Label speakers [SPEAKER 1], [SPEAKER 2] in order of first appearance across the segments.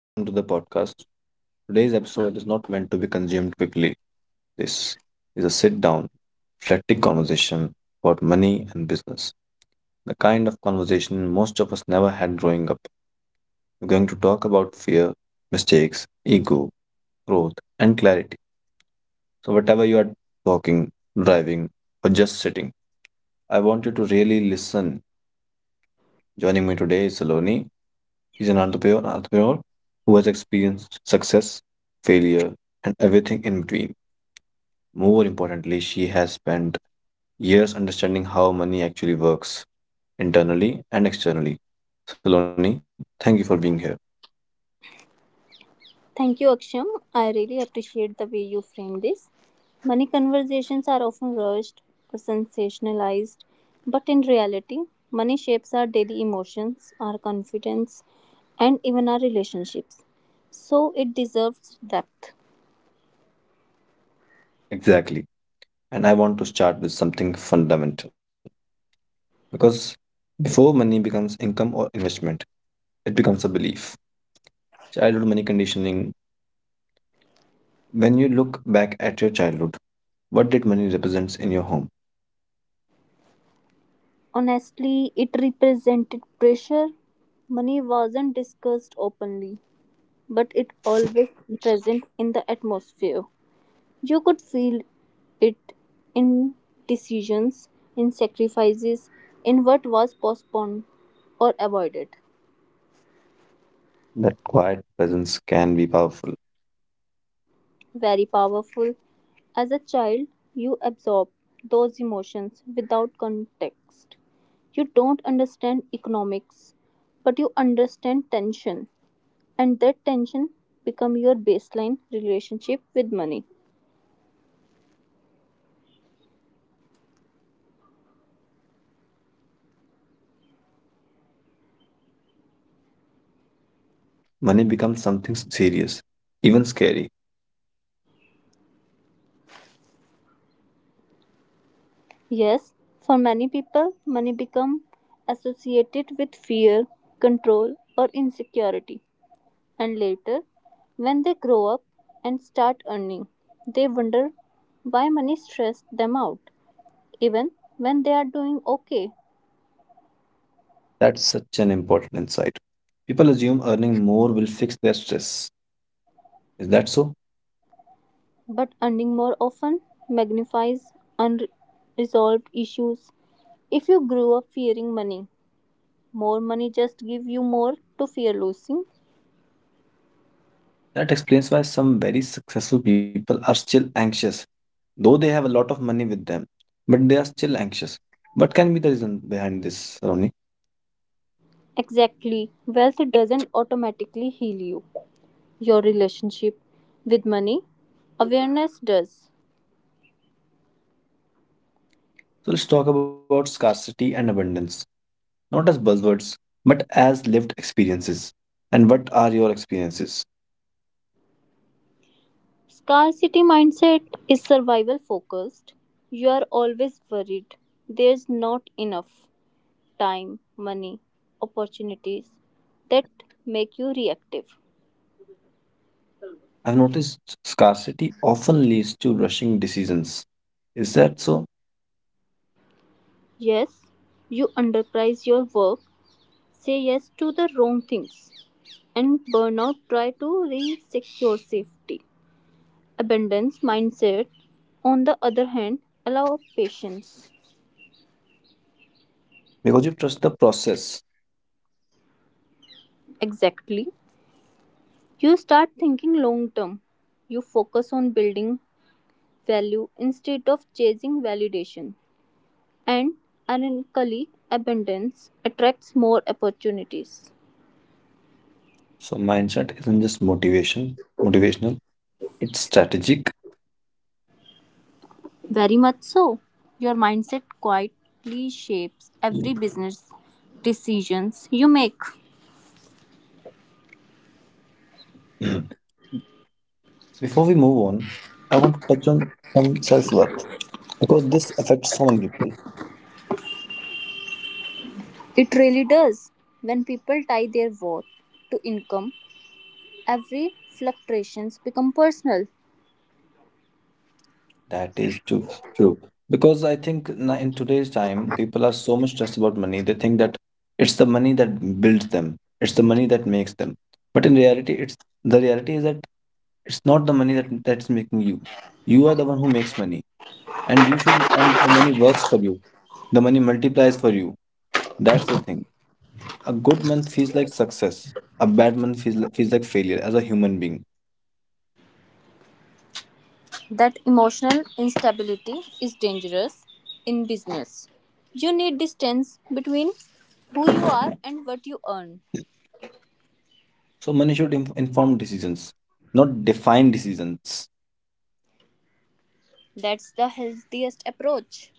[SPEAKER 1] Welcome to the podcast. Today's episode is not meant to be consumed quickly. This is a sit down, reflective conversation about money and business, the kind of conversation most of us never had growing up. We're going to talk about fear, mistakes, ego, growth, and clarity. So, whatever you are walking, driving, or just sitting, I want you to really listen. Joining me today is Saloni. She's an entrepreneur who has experienced success, failure, and everything in between. More importantly, she has spent years understanding how money actually works internally and externally. Saloni, thank you for being here.
[SPEAKER 2] Thank you, Aksham. I really appreciate the way you frame this. Money conversations are often rushed or sensationalized, but in reality, money shapes our daily emotions, our confidence, and even our relationships. So it deserves depth.
[SPEAKER 1] Exactly. And I want to start with something fundamental because before money becomes income or investment, it becomes a belief. Childhood money conditioning. When you look back at your childhood, what did money represent in your home?
[SPEAKER 2] Honestly, it represented pressure. Money wasn't discussed openly, but it always present in the atmosphere. You could feel it in decisions, in sacrifices, in what was postponed or avoided.
[SPEAKER 1] That quiet presence can be powerful.
[SPEAKER 2] Very powerful. As a child, you absorb those emotions without context. You don't understand economics, but you understand tension, and that tension become your baseline relationship with money.
[SPEAKER 1] So, without realizing it, money becomes something serious, even scary.
[SPEAKER 2] Yes, for many people, money becomes associated with fear, control, or insecurity. And later, when they grow up and start earning, they wonder why money stressed them out, even when they are doing okay.
[SPEAKER 1] That's such an important insight. People assume earning more will fix their stress. Is that so?
[SPEAKER 2] But earning more often magnifies unresolved issues. If you grew up fearing money, more money just give you more to fear losing.
[SPEAKER 1] That explains why some very successful people are still anxious, though they have a lot of money with them, but they are still anxious. What can be the reason behind this, Romney?
[SPEAKER 2] Exactly, wealth doesn't automatically heal you. Your relationship with money. Awareness does.
[SPEAKER 1] So, let's talk about scarcity and abundance, not as buzzwords, but as lived experiences. And what are your experiences?
[SPEAKER 2] Scarcity mindset is survival focused. You are always worried. There's not enough time, money, opportunities that make you reactive.
[SPEAKER 1] I've noticed scarcity often leads to rushing decisions. Is that so?
[SPEAKER 2] Yes, you underprice your work, say yes to the wrong things, and burnout try to re-seek your safety. Abundance mindset, on the other hand, allow patience.
[SPEAKER 1] Because you trust the process.
[SPEAKER 2] Exactly. You start thinking long term. You focus on building value instead of chasing validation. And ironically, abundance attracts more opportunities.
[SPEAKER 1] So mindset isn't just motivational, it's strategic.
[SPEAKER 2] Very much so. Your mindset quietly shapes every business decisions you make.
[SPEAKER 1] Mm. Before we move on, I want to touch on some self-worth because this affects so many people.
[SPEAKER 2] It really does. When people tie their worth to income, every fluctuations become personal.
[SPEAKER 1] That is too true. Because I think in today's time, people are so much stressed about money. They think that it's the money that builds them. It's the money that makes them. But in reality, it's the reality is that it's not the money that's making you. You are the one who makes money, and you should and the money works for you. The money multiplies for you. That's the thing. A good month feels like success. A bad month feels like failure as a human being.
[SPEAKER 2] That emotional instability is dangerous in business. You need distance between who you are and what you earn.
[SPEAKER 1] So money should inform decisions, not define decisions.
[SPEAKER 2] That's the healthiest approach.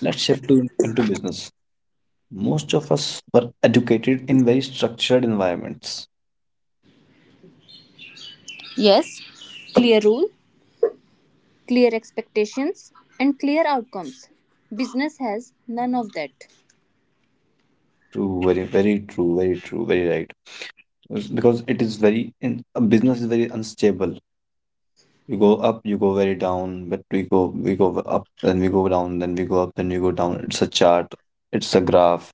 [SPEAKER 1] Let's shift to into business. Most of us were educated in very structured environments.
[SPEAKER 2] Yes, clear rule, clear expectations, and clear outcomes. Business has none of that.
[SPEAKER 1] True, very, very true, very true, very right. Because it is very in a business is very unstable. You go up, you go very down, but we go up, then we go down, then we go up, then we go down. It's a chart, it's a graph,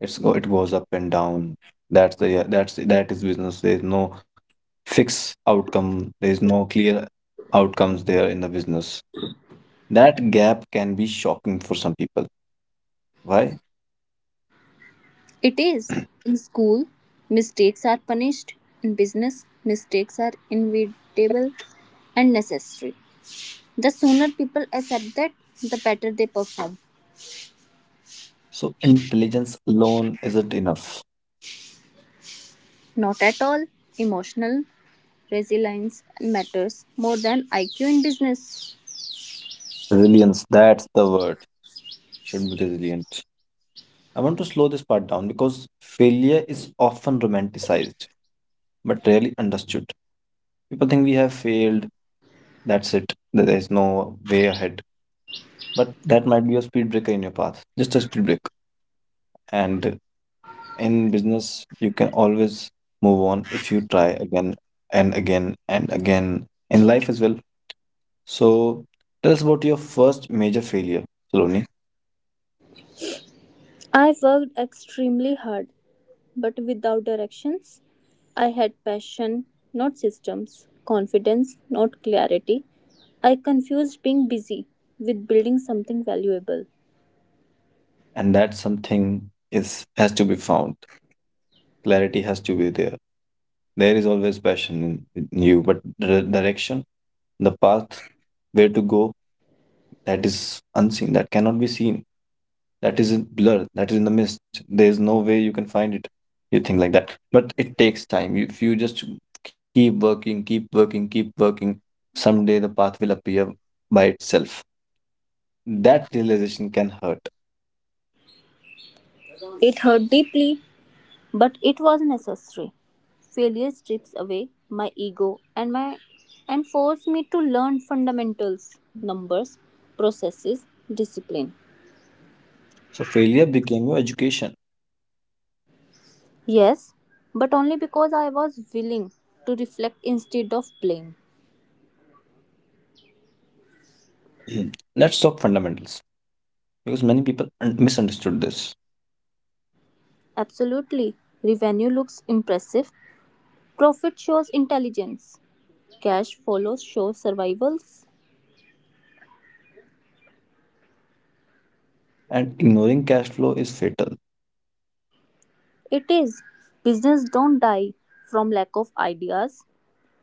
[SPEAKER 1] it goes up and down. That's the yeah, that's that is business. There is no fixed outcome, there is no clear outcomes there in the business. That gap can be shocking for some people. Why?
[SPEAKER 2] It is. In school, mistakes are punished. In business, mistakes are inevitable and necessary. The sooner people accept that, the better they perform.
[SPEAKER 1] So intelligence alone isn't enough.
[SPEAKER 2] Not at all. Emotional resilience matters more than IQ in business.
[SPEAKER 1] Resilience, that's the word. Should be resilient. I want to slow this part down because failure is often romanticized but rarely understood. People think we have failed, that's it, there is no way ahead. But that might be a speed breaker in your path, just a speed break. And in business, you can always move on if you try again and again and again in life as well. So, tell us about your first major failure, Saloni,
[SPEAKER 2] I worked extremely hard, but without directions. I had passion, not systems, confidence, not clarity. I confused being busy with building something valuable.
[SPEAKER 1] and that something is has to be found. Clarity has to be there. There is always passion in you, but the direction, the path, where to go, that is unseen, that cannot be seen, that is in blur, that is in the mist. There is no way you can find it. You think like that. But it takes time. If you just keep working, someday the path will appear by itself. That realization can hurt.
[SPEAKER 2] It hurt deeply, but it was necessary. Failure strips away my ego and my and forced me to learn fundamentals, numbers, processes, discipline.
[SPEAKER 1] So failure became your education.
[SPEAKER 2] Yes, but only because I was willing to reflect instead of blame.
[SPEAKER 1] Mm. Let's talk fundamentals because many people misunderstood this.
[SPEAKER 2] Absolutely. Revenue looks impressive. Profit shows intelligence. Cash follows shows survivals.
[SPEAKER 1] And ignoring cash flow is fatal.
[SPEAKER 2] It is. Business don't die from lack of ideas.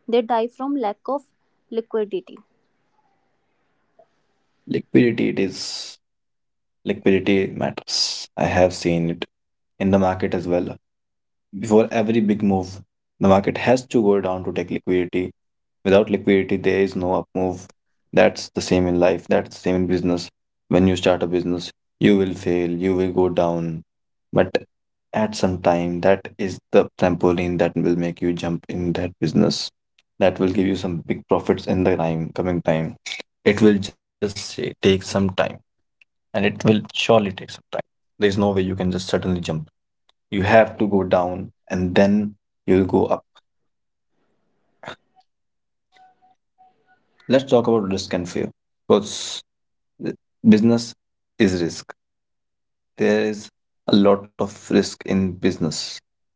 [SPEAKER 2] They die from lack of liquidity.
[SPEAKER 1] Liquidity it is. Liquidity matters. I have seen it in the market as well. Before every big move, the market has to go down to take liquidity. Without liquidity, there is no up move. That's the same in life. That's the same in business. When you start a business, you will fail, you will go down. But at some time, that is the trampoline that will make you jump in that business. That will give you some big profits in coming time. It will just say, take some time, and it will surely take some time. There is no way you can just suddenly jump. You have to go down, and then you'll go up. Let's talk about risk and fear because th- business is risk. There is a lot of risk in business.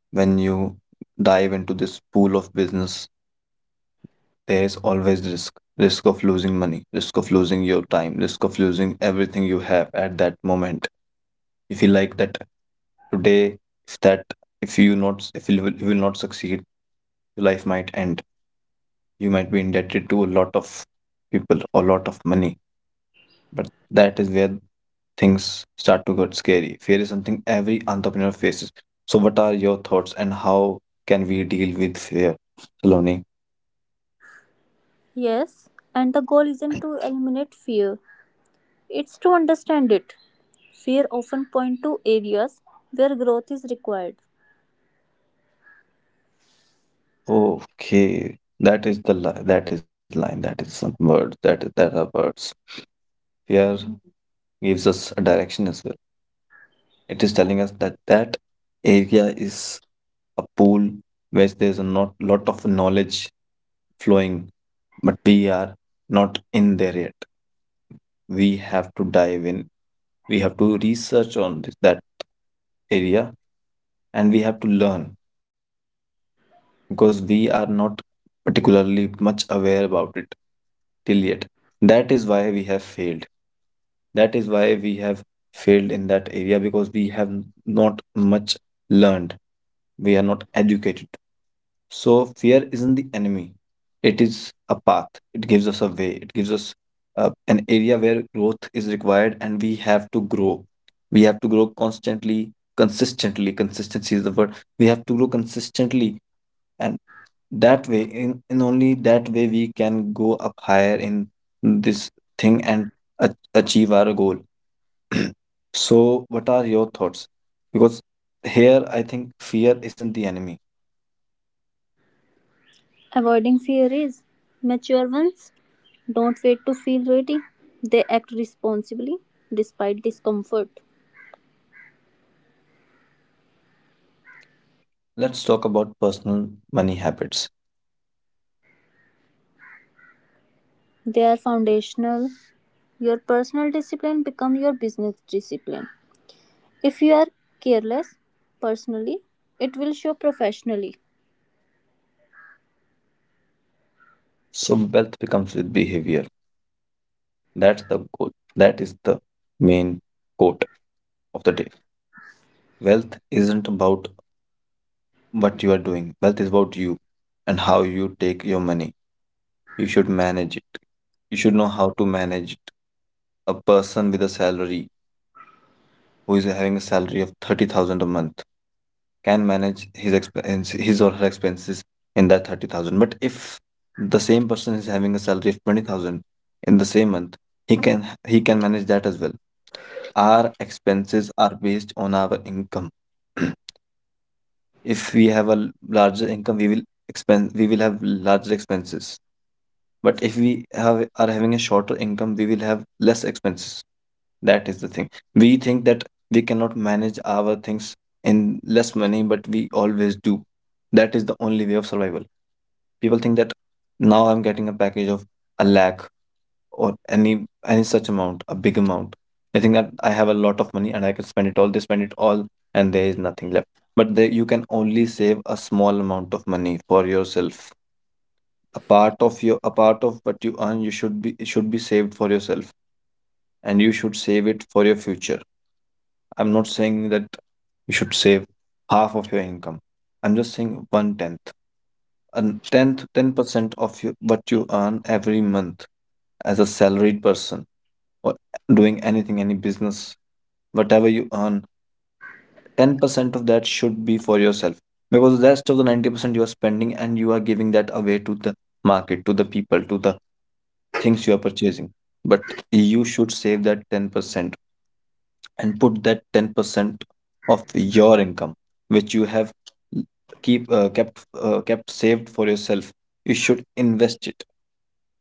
[SPEAKER 1] When you dive into this pool of business, there is always risk: risk of losing money, risk of losing your time, risk of losing everything you have at that moment. If you like that today, if that if you will, you will not succeed. Your life might end. You might be indebted to a lot of people or a lot of money. But that is where things start to get scary. Fear is something every entrepreneur faces. So what are your thoughts, and how can we deal with fear, Saloni?
[SPEAKER 2] Yes, and the goal isn't to eliminate fear, it's to understand it. Fear often point to areas where growth is required.
[SPEAKER 1] Okay, that is the li- that is line that is some words that is that are words. Fear gives us a direction as well. It is telling us that that area is a pool where there's a not lot of knowledge flowing, but we are not in there yet. We have to dive in. We have to research on that area, and we have to learn because we are not particularly much aware about it till yet. That is why we have failed. That is why we have failed in that area, because we have not much learned. We are not educated. So fear isn't the enemy. It is a path. It gives us a way. It gives us an area where growth is required, and we have to grow. We have to grow constantly, consistently. Consistency is the word. We have to grow consistently, and that way, in only that way we can go up higher in this thing and achieve our goal. So what are your thoughts? Because here I think fear isn't the enemy.
[SPEAKER 2] Avoiding fear is mature ones don't wait to feel ready. They act responsibly despite discomfort.
[SPEAKER 1] Let's talk about personal money habits.
[SPEAKER 2] They are foundational. Your personal discipline become your business discipline. If you are careless personally, it will show professionally.
[SPEAKER 1] So wealth becomes with behavior. That's the goal. That is the main quote of the day. Wealth isn't about what you are doing. Wealth is about you and how you take your money. You should manage it. You should know how to manage it. A person with a salary who is having a salary of 30,000 a month can manage his expense his or her expenses in that 30,000. But if the same person is having a salary of 20,000 in the same month, he can he can manage that as well. Our expenses are based on our income. If we have a larger income, we will expense we will have larger expenses. But if we have are having a shorter income, we will have less expenses. That is the thing. We think that we cannot manage our things in less money, but we always do. That is the only way of survival. People think that now I'm getting a package of a lakh or any such amount, a big amount. They think that I have a lot of money and I can spend it all. They spend it all, and there is nothing left. But they, you can only save a small amount of money for yourself. A part of what you earn, you should be it should be saved for yourself, and you should save it for your future. I'm not saying that you should save half of your income. I'm just saying one tenth, a tenth, 10% of your, what you earn every month as a salaried person or doing anything, any business, whatever you earn, 10% of that should be for yourself, because the rest of the 90% you are spending, and you are giving that away to the market, to the people, to the things you are purchasing. But you should save that 10%, and put that 10% of your income which you have l- keep kept kept saved for yourself. You should invest it.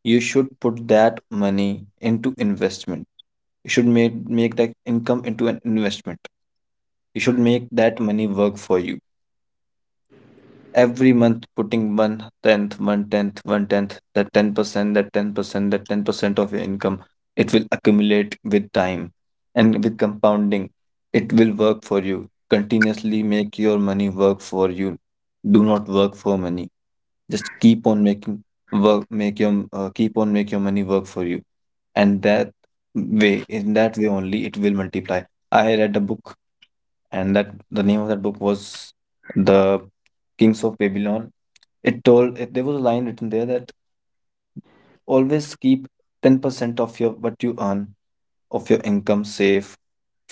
[SPEAKER 1] You should put that money into investment. You should make that income into an investment. You should make that money work for you. Every month putting that 10%, of your income, it will accumulate with time and with compounding. It will work for you. Continuously make your money work for you. Do not work for money. Just keep on making work, make your keep on make your money work for you. And that way, in that way only, it will multiply. I read a book, and that the name of that book was The Kings of Babylon. It told it, there was a line written there that always keep 10% of your what you earn of your income safe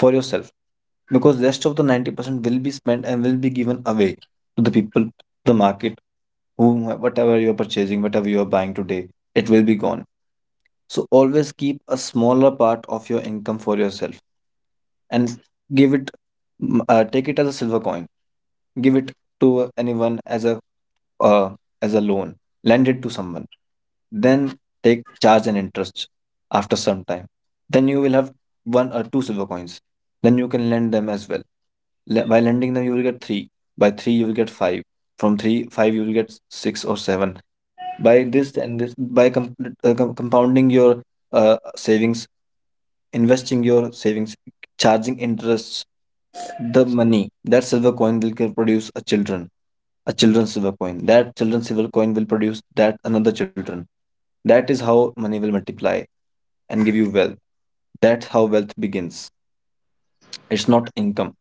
[SPEAKER 1] for yourself because rest of the 90% will be spent and will be given away to the people, the market, whom whatever you are purchasing, whatever you are buying today, it will be gone. So always keep a smaller part of your income for yourself and give it, take it as a silver coin, give it to anyone uh, as a loan, lend it to someone, then take charge and interest after some time. Then you will have one or two silver coins. Then you can lend them as well. By lending them, you will get three. By three, you will get five. From three, five, you will get six or seven. By this and this, by compounding your savings, investing your savings, charging interests, the money, that silver coin, will produce a children, a children's silver coin. That children's silver coin will produce that another children. That is how money will multiply and give you wealth. That's how wealth begins. It's not income.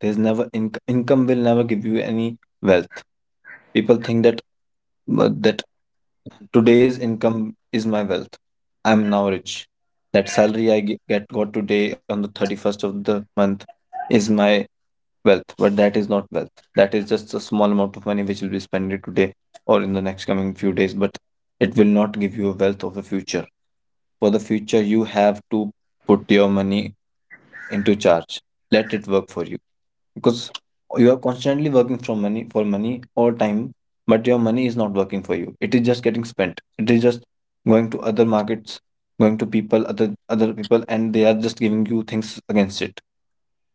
[SPEAKER 1] There's never income will never give you any wealth. People think that that today's income is my wealth. I'm now rich. That salary I ge- get got today on the 31st of the month is my wealth, but that is not wealth. That is just a small amount of money which will be spent today or in the next coming few days, but it will not give you a wealth of the future. For the future, you have to put your money into charge. Let it work for you because you are constantly working from money for money all time, but your money is not working for you. It is just getting spent. It is just going to other markets, going to people, other people, and they are just giving you things against it.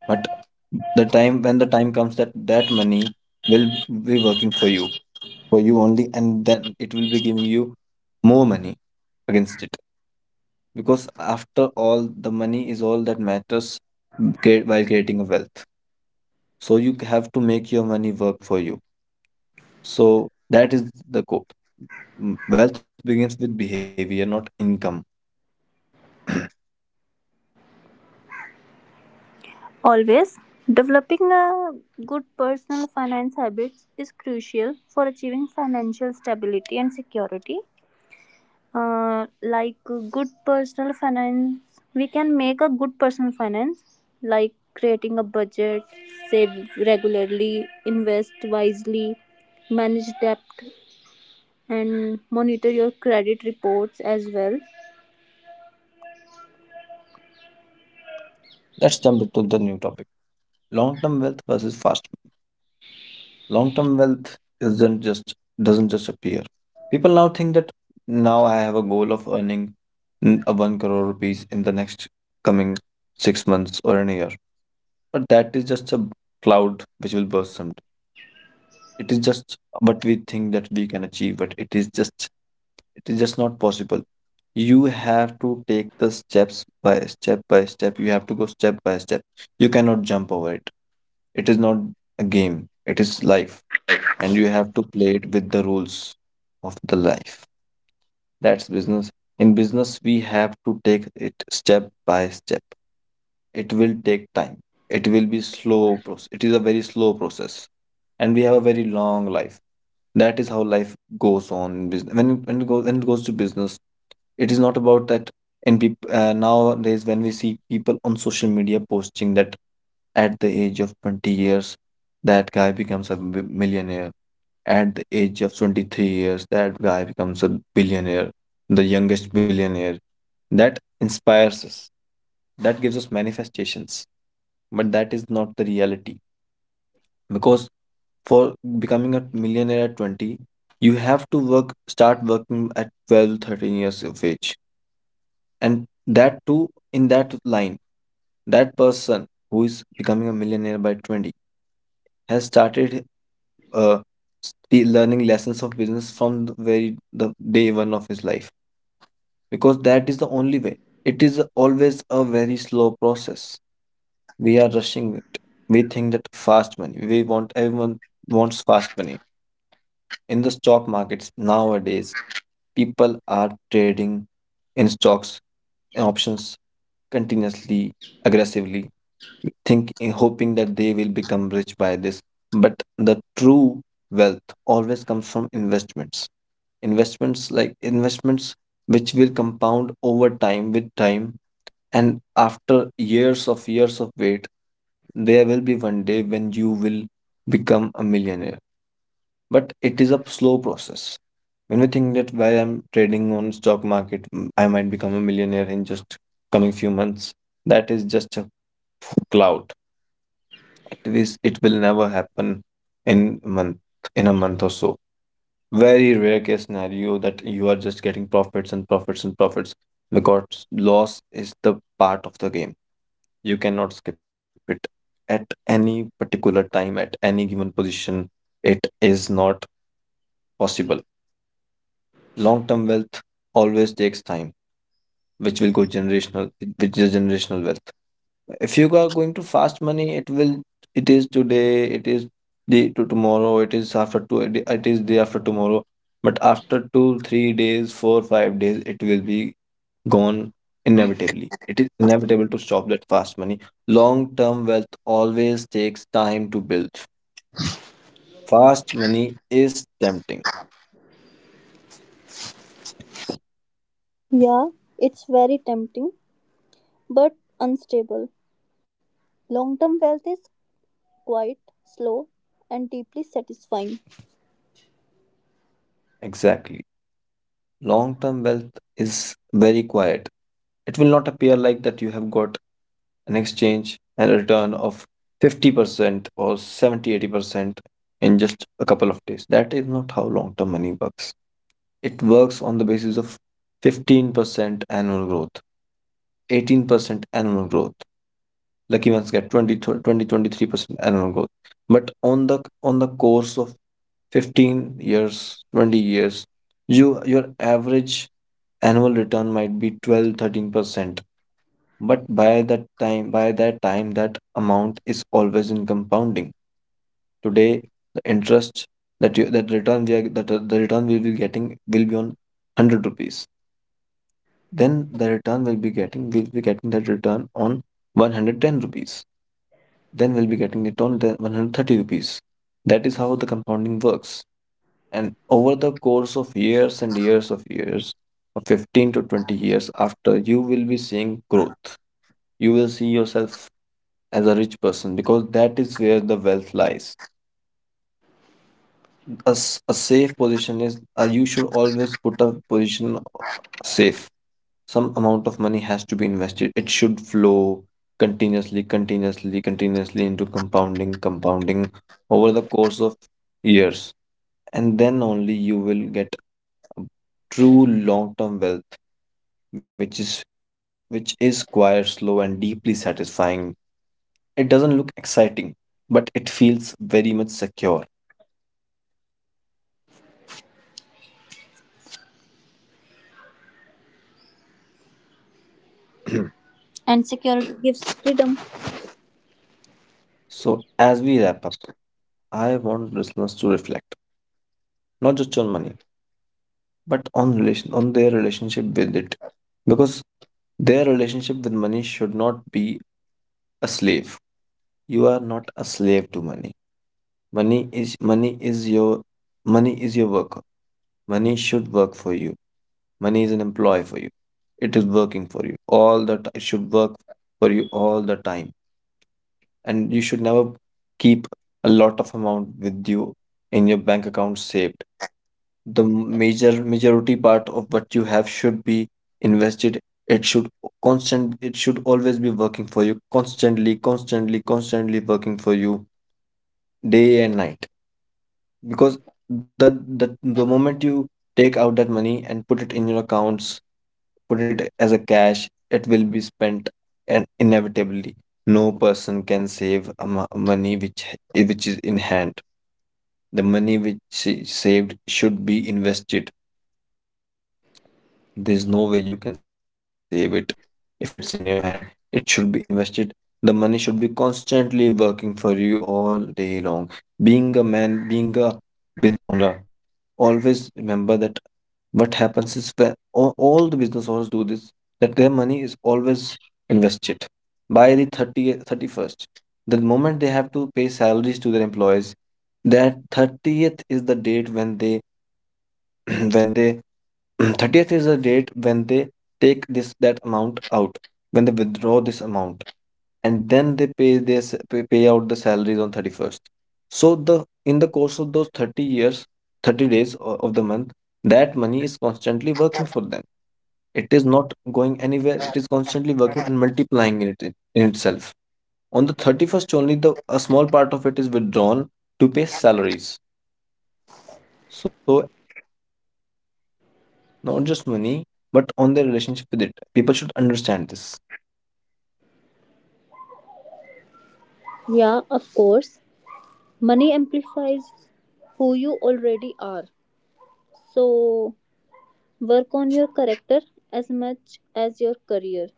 [SPEAKER 1] But the time when the time comes that that money will be working for you only, and then it will be giving you more money against it. Because after all, the money is all that matters while creating a wealth. So you have to make your money work for you. So that is the quote. Wealth begins with behavior, not income.
[SPEAKER 2] Always, developing a good personal finance habits is crucial for achieving financial stability and security. Like good personal finance, we can make a good personal finance, like creating a budget, save regularly, invest wisely, manage debt, and monitor your credit reports as well.
[SPEAKER 1] let's jump into the new topic, long term wealth versus fast. Long-term wealth isn't just, doesn't just appear. People now think that now I have a goal of earning a one crore rupees in the next coming 6 months or in a year. But that is just a cloud which will burst someday. It is just what we think that we can achieve, but it is just, it is just not possible. You have to take the steps by step by step. You have to go step by step. You cannot jump over it. It is not a game. It is life, and you have to play it with the rules of the life. That's business. In business, we have to take it step by step. It will take time. It will be slow process. It is a very slow process, and we have a very long life. That is how life goes on in business. When it goes to business, it is not about that. In people nowadays, when we see people on social media posting that at the age of 20 years that guy becomes a millionaire, at the age of 23 years, that guy becomes a billionaire, the youngest billionaire. That inspires us, that gives us manifestations, but that is not the reality. Because for becoming a millionaire at 20, you have to work, start working at 12, 13 years of age. And that too, in that line, that person who is becoming a millionaire by 20 has started uh, learning lessons of business from the very the day one of his life because that is the only way. It is always a very slow process. We are rushing it. We think that fast money. We want, everyone wants fast money. In the stock markets nowadays, people are trading in stocks and options continuously, aggressively, think hoping that they will become rich by this. But the true wealth always comes from investments. Investments, like investments which will compound over time with time, and after years of wait, there will be one day when you will become a millionaire. But it is a slow process. When we think that while I'm trading on stock market, I might become a millionaire in just coming few months, that is just a cloud. It will never happen in a month, in a month or so. Very rare case scenario that you are just getting profits and profits and profits, because loss is the part of the game. You cannot skip it at any particular time, at any given position. It is not possible. Long term wealth always takes time, which will go generational, which is generational wealth. If you are going to fast money, it will, it is today, it is day to tomorrow, it is after two, it is day after tomorrow. But after two, 3 days, four, 5 days, it will be gone inevitably. It is inevitable to stop that fast money. Long term wealth always takes time to build. Fast money is tempting.
[SPEAKER 2] Yeah, it's very tempting but unstable. Long term wealth is quiet, slow, and deeply satisfying.
[SPEAKER 1] Exactly. Long term wealth is very quiet. It will not appear like that you have got an exchange and a return of 50% or 70, 80% in just a couple of days. That is not how long term money works. It works on the basis of 15% annual growth, 18% annual growth. Lucky ones get 20 23% annual growth, but on the course of 15 years, 20 years, you, your average annual return might be 12, 13%. But by that time that amount is always in compounding. Today the interest that you, that return we are, that the return we'll be getting will be on 100 rupees, then the return will be getting, we'll be getting that return on 110 rupees, then we'll be getting it on the 130 rupees. That is how the compounding works. And over the course of years and years, of 15 to 20 years after, you will be seeing growth. You will see yourself as a rich person because that is where the wealth lies. A, a safe position is, you should always put a position safe, some amount of money has to be invested. It should flow continuously, continuously, continuously into compounding, compounding over the course of years. And then only you will get a true long-term wealth, which is, which is quiet, slow, and deeply satisfying. It doesn't look exciting, but it feels very much secure.
[SPEAKER 2] And security gives freedom.
[SPEAKER 1] So as we wrap up, I want listeners to reflect not just on money but on relation, on their relationship with it. Because their relationship with money should not be a slave. You are not a slave to money. Money is your money is your worker. Money should work for you. Money is an employee for you. It is working for you all the time. It should work for you all the time. And you should never keep a lot of amount with you in your bank account saved. The majority part of what you have should be invested. It should constant it should always be working for you, constantly, constantly, constantly working for you day and night. Because the, the moment you take out that money and put it in your accounts, put it as a cash, it will be spent. And inevitably no person can save a money which which is in hand. The money which she saved should be invested. There's no way you can save it. If it's in your hand, it should be invested. The money should be constantly working for you all day long. Being a man, being a business owner, always remember that what happens is when all the business owners do this, that their money is always invested by the 30th, 31st. The moment they have to pay salaries to their employees, that 30th is the date when they when they 30th is the date when they take this that amount out, when they withdraw this amount, and then they pay out the salaries on 31st. So the in the course of those 30 years, 30 days of the month, that money is constantly working for them. It is not going anywhere. It is constantly working and multiplying in it, in itself. On the 31st only the a small part of it is withdrawn to pay salaries. So not just money, but on their relationship with it. People should understand this.
[SPEAKER 2] Yeah, of course. Money amplifies who you already are. So work on your character as much as your career.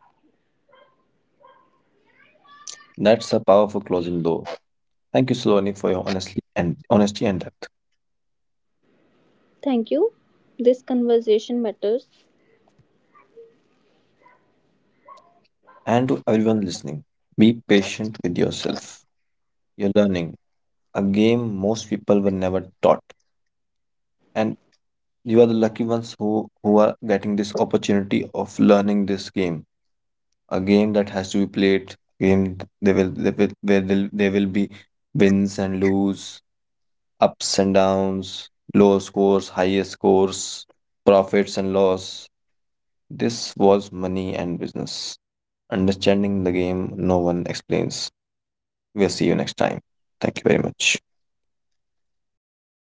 [SPEAKER 1] That's a powerful closing door. Thank you, Saloni, for your honestly and honesty and depth.
[SPEAKER 2] Thank you. This conversation matters.
[SPEAKER 1] And to everyone listening, be patient with yourself. You're learning a game most people were never taught. And you are the lucky ones who are getting this opportunity of learning this game. A game that has to be played, game where they will be wins and lose, ups and downs, low scores, high scores, profits and loss. This was money and business. Understanding the game no one explains. We'll see you next time. Thank you very much.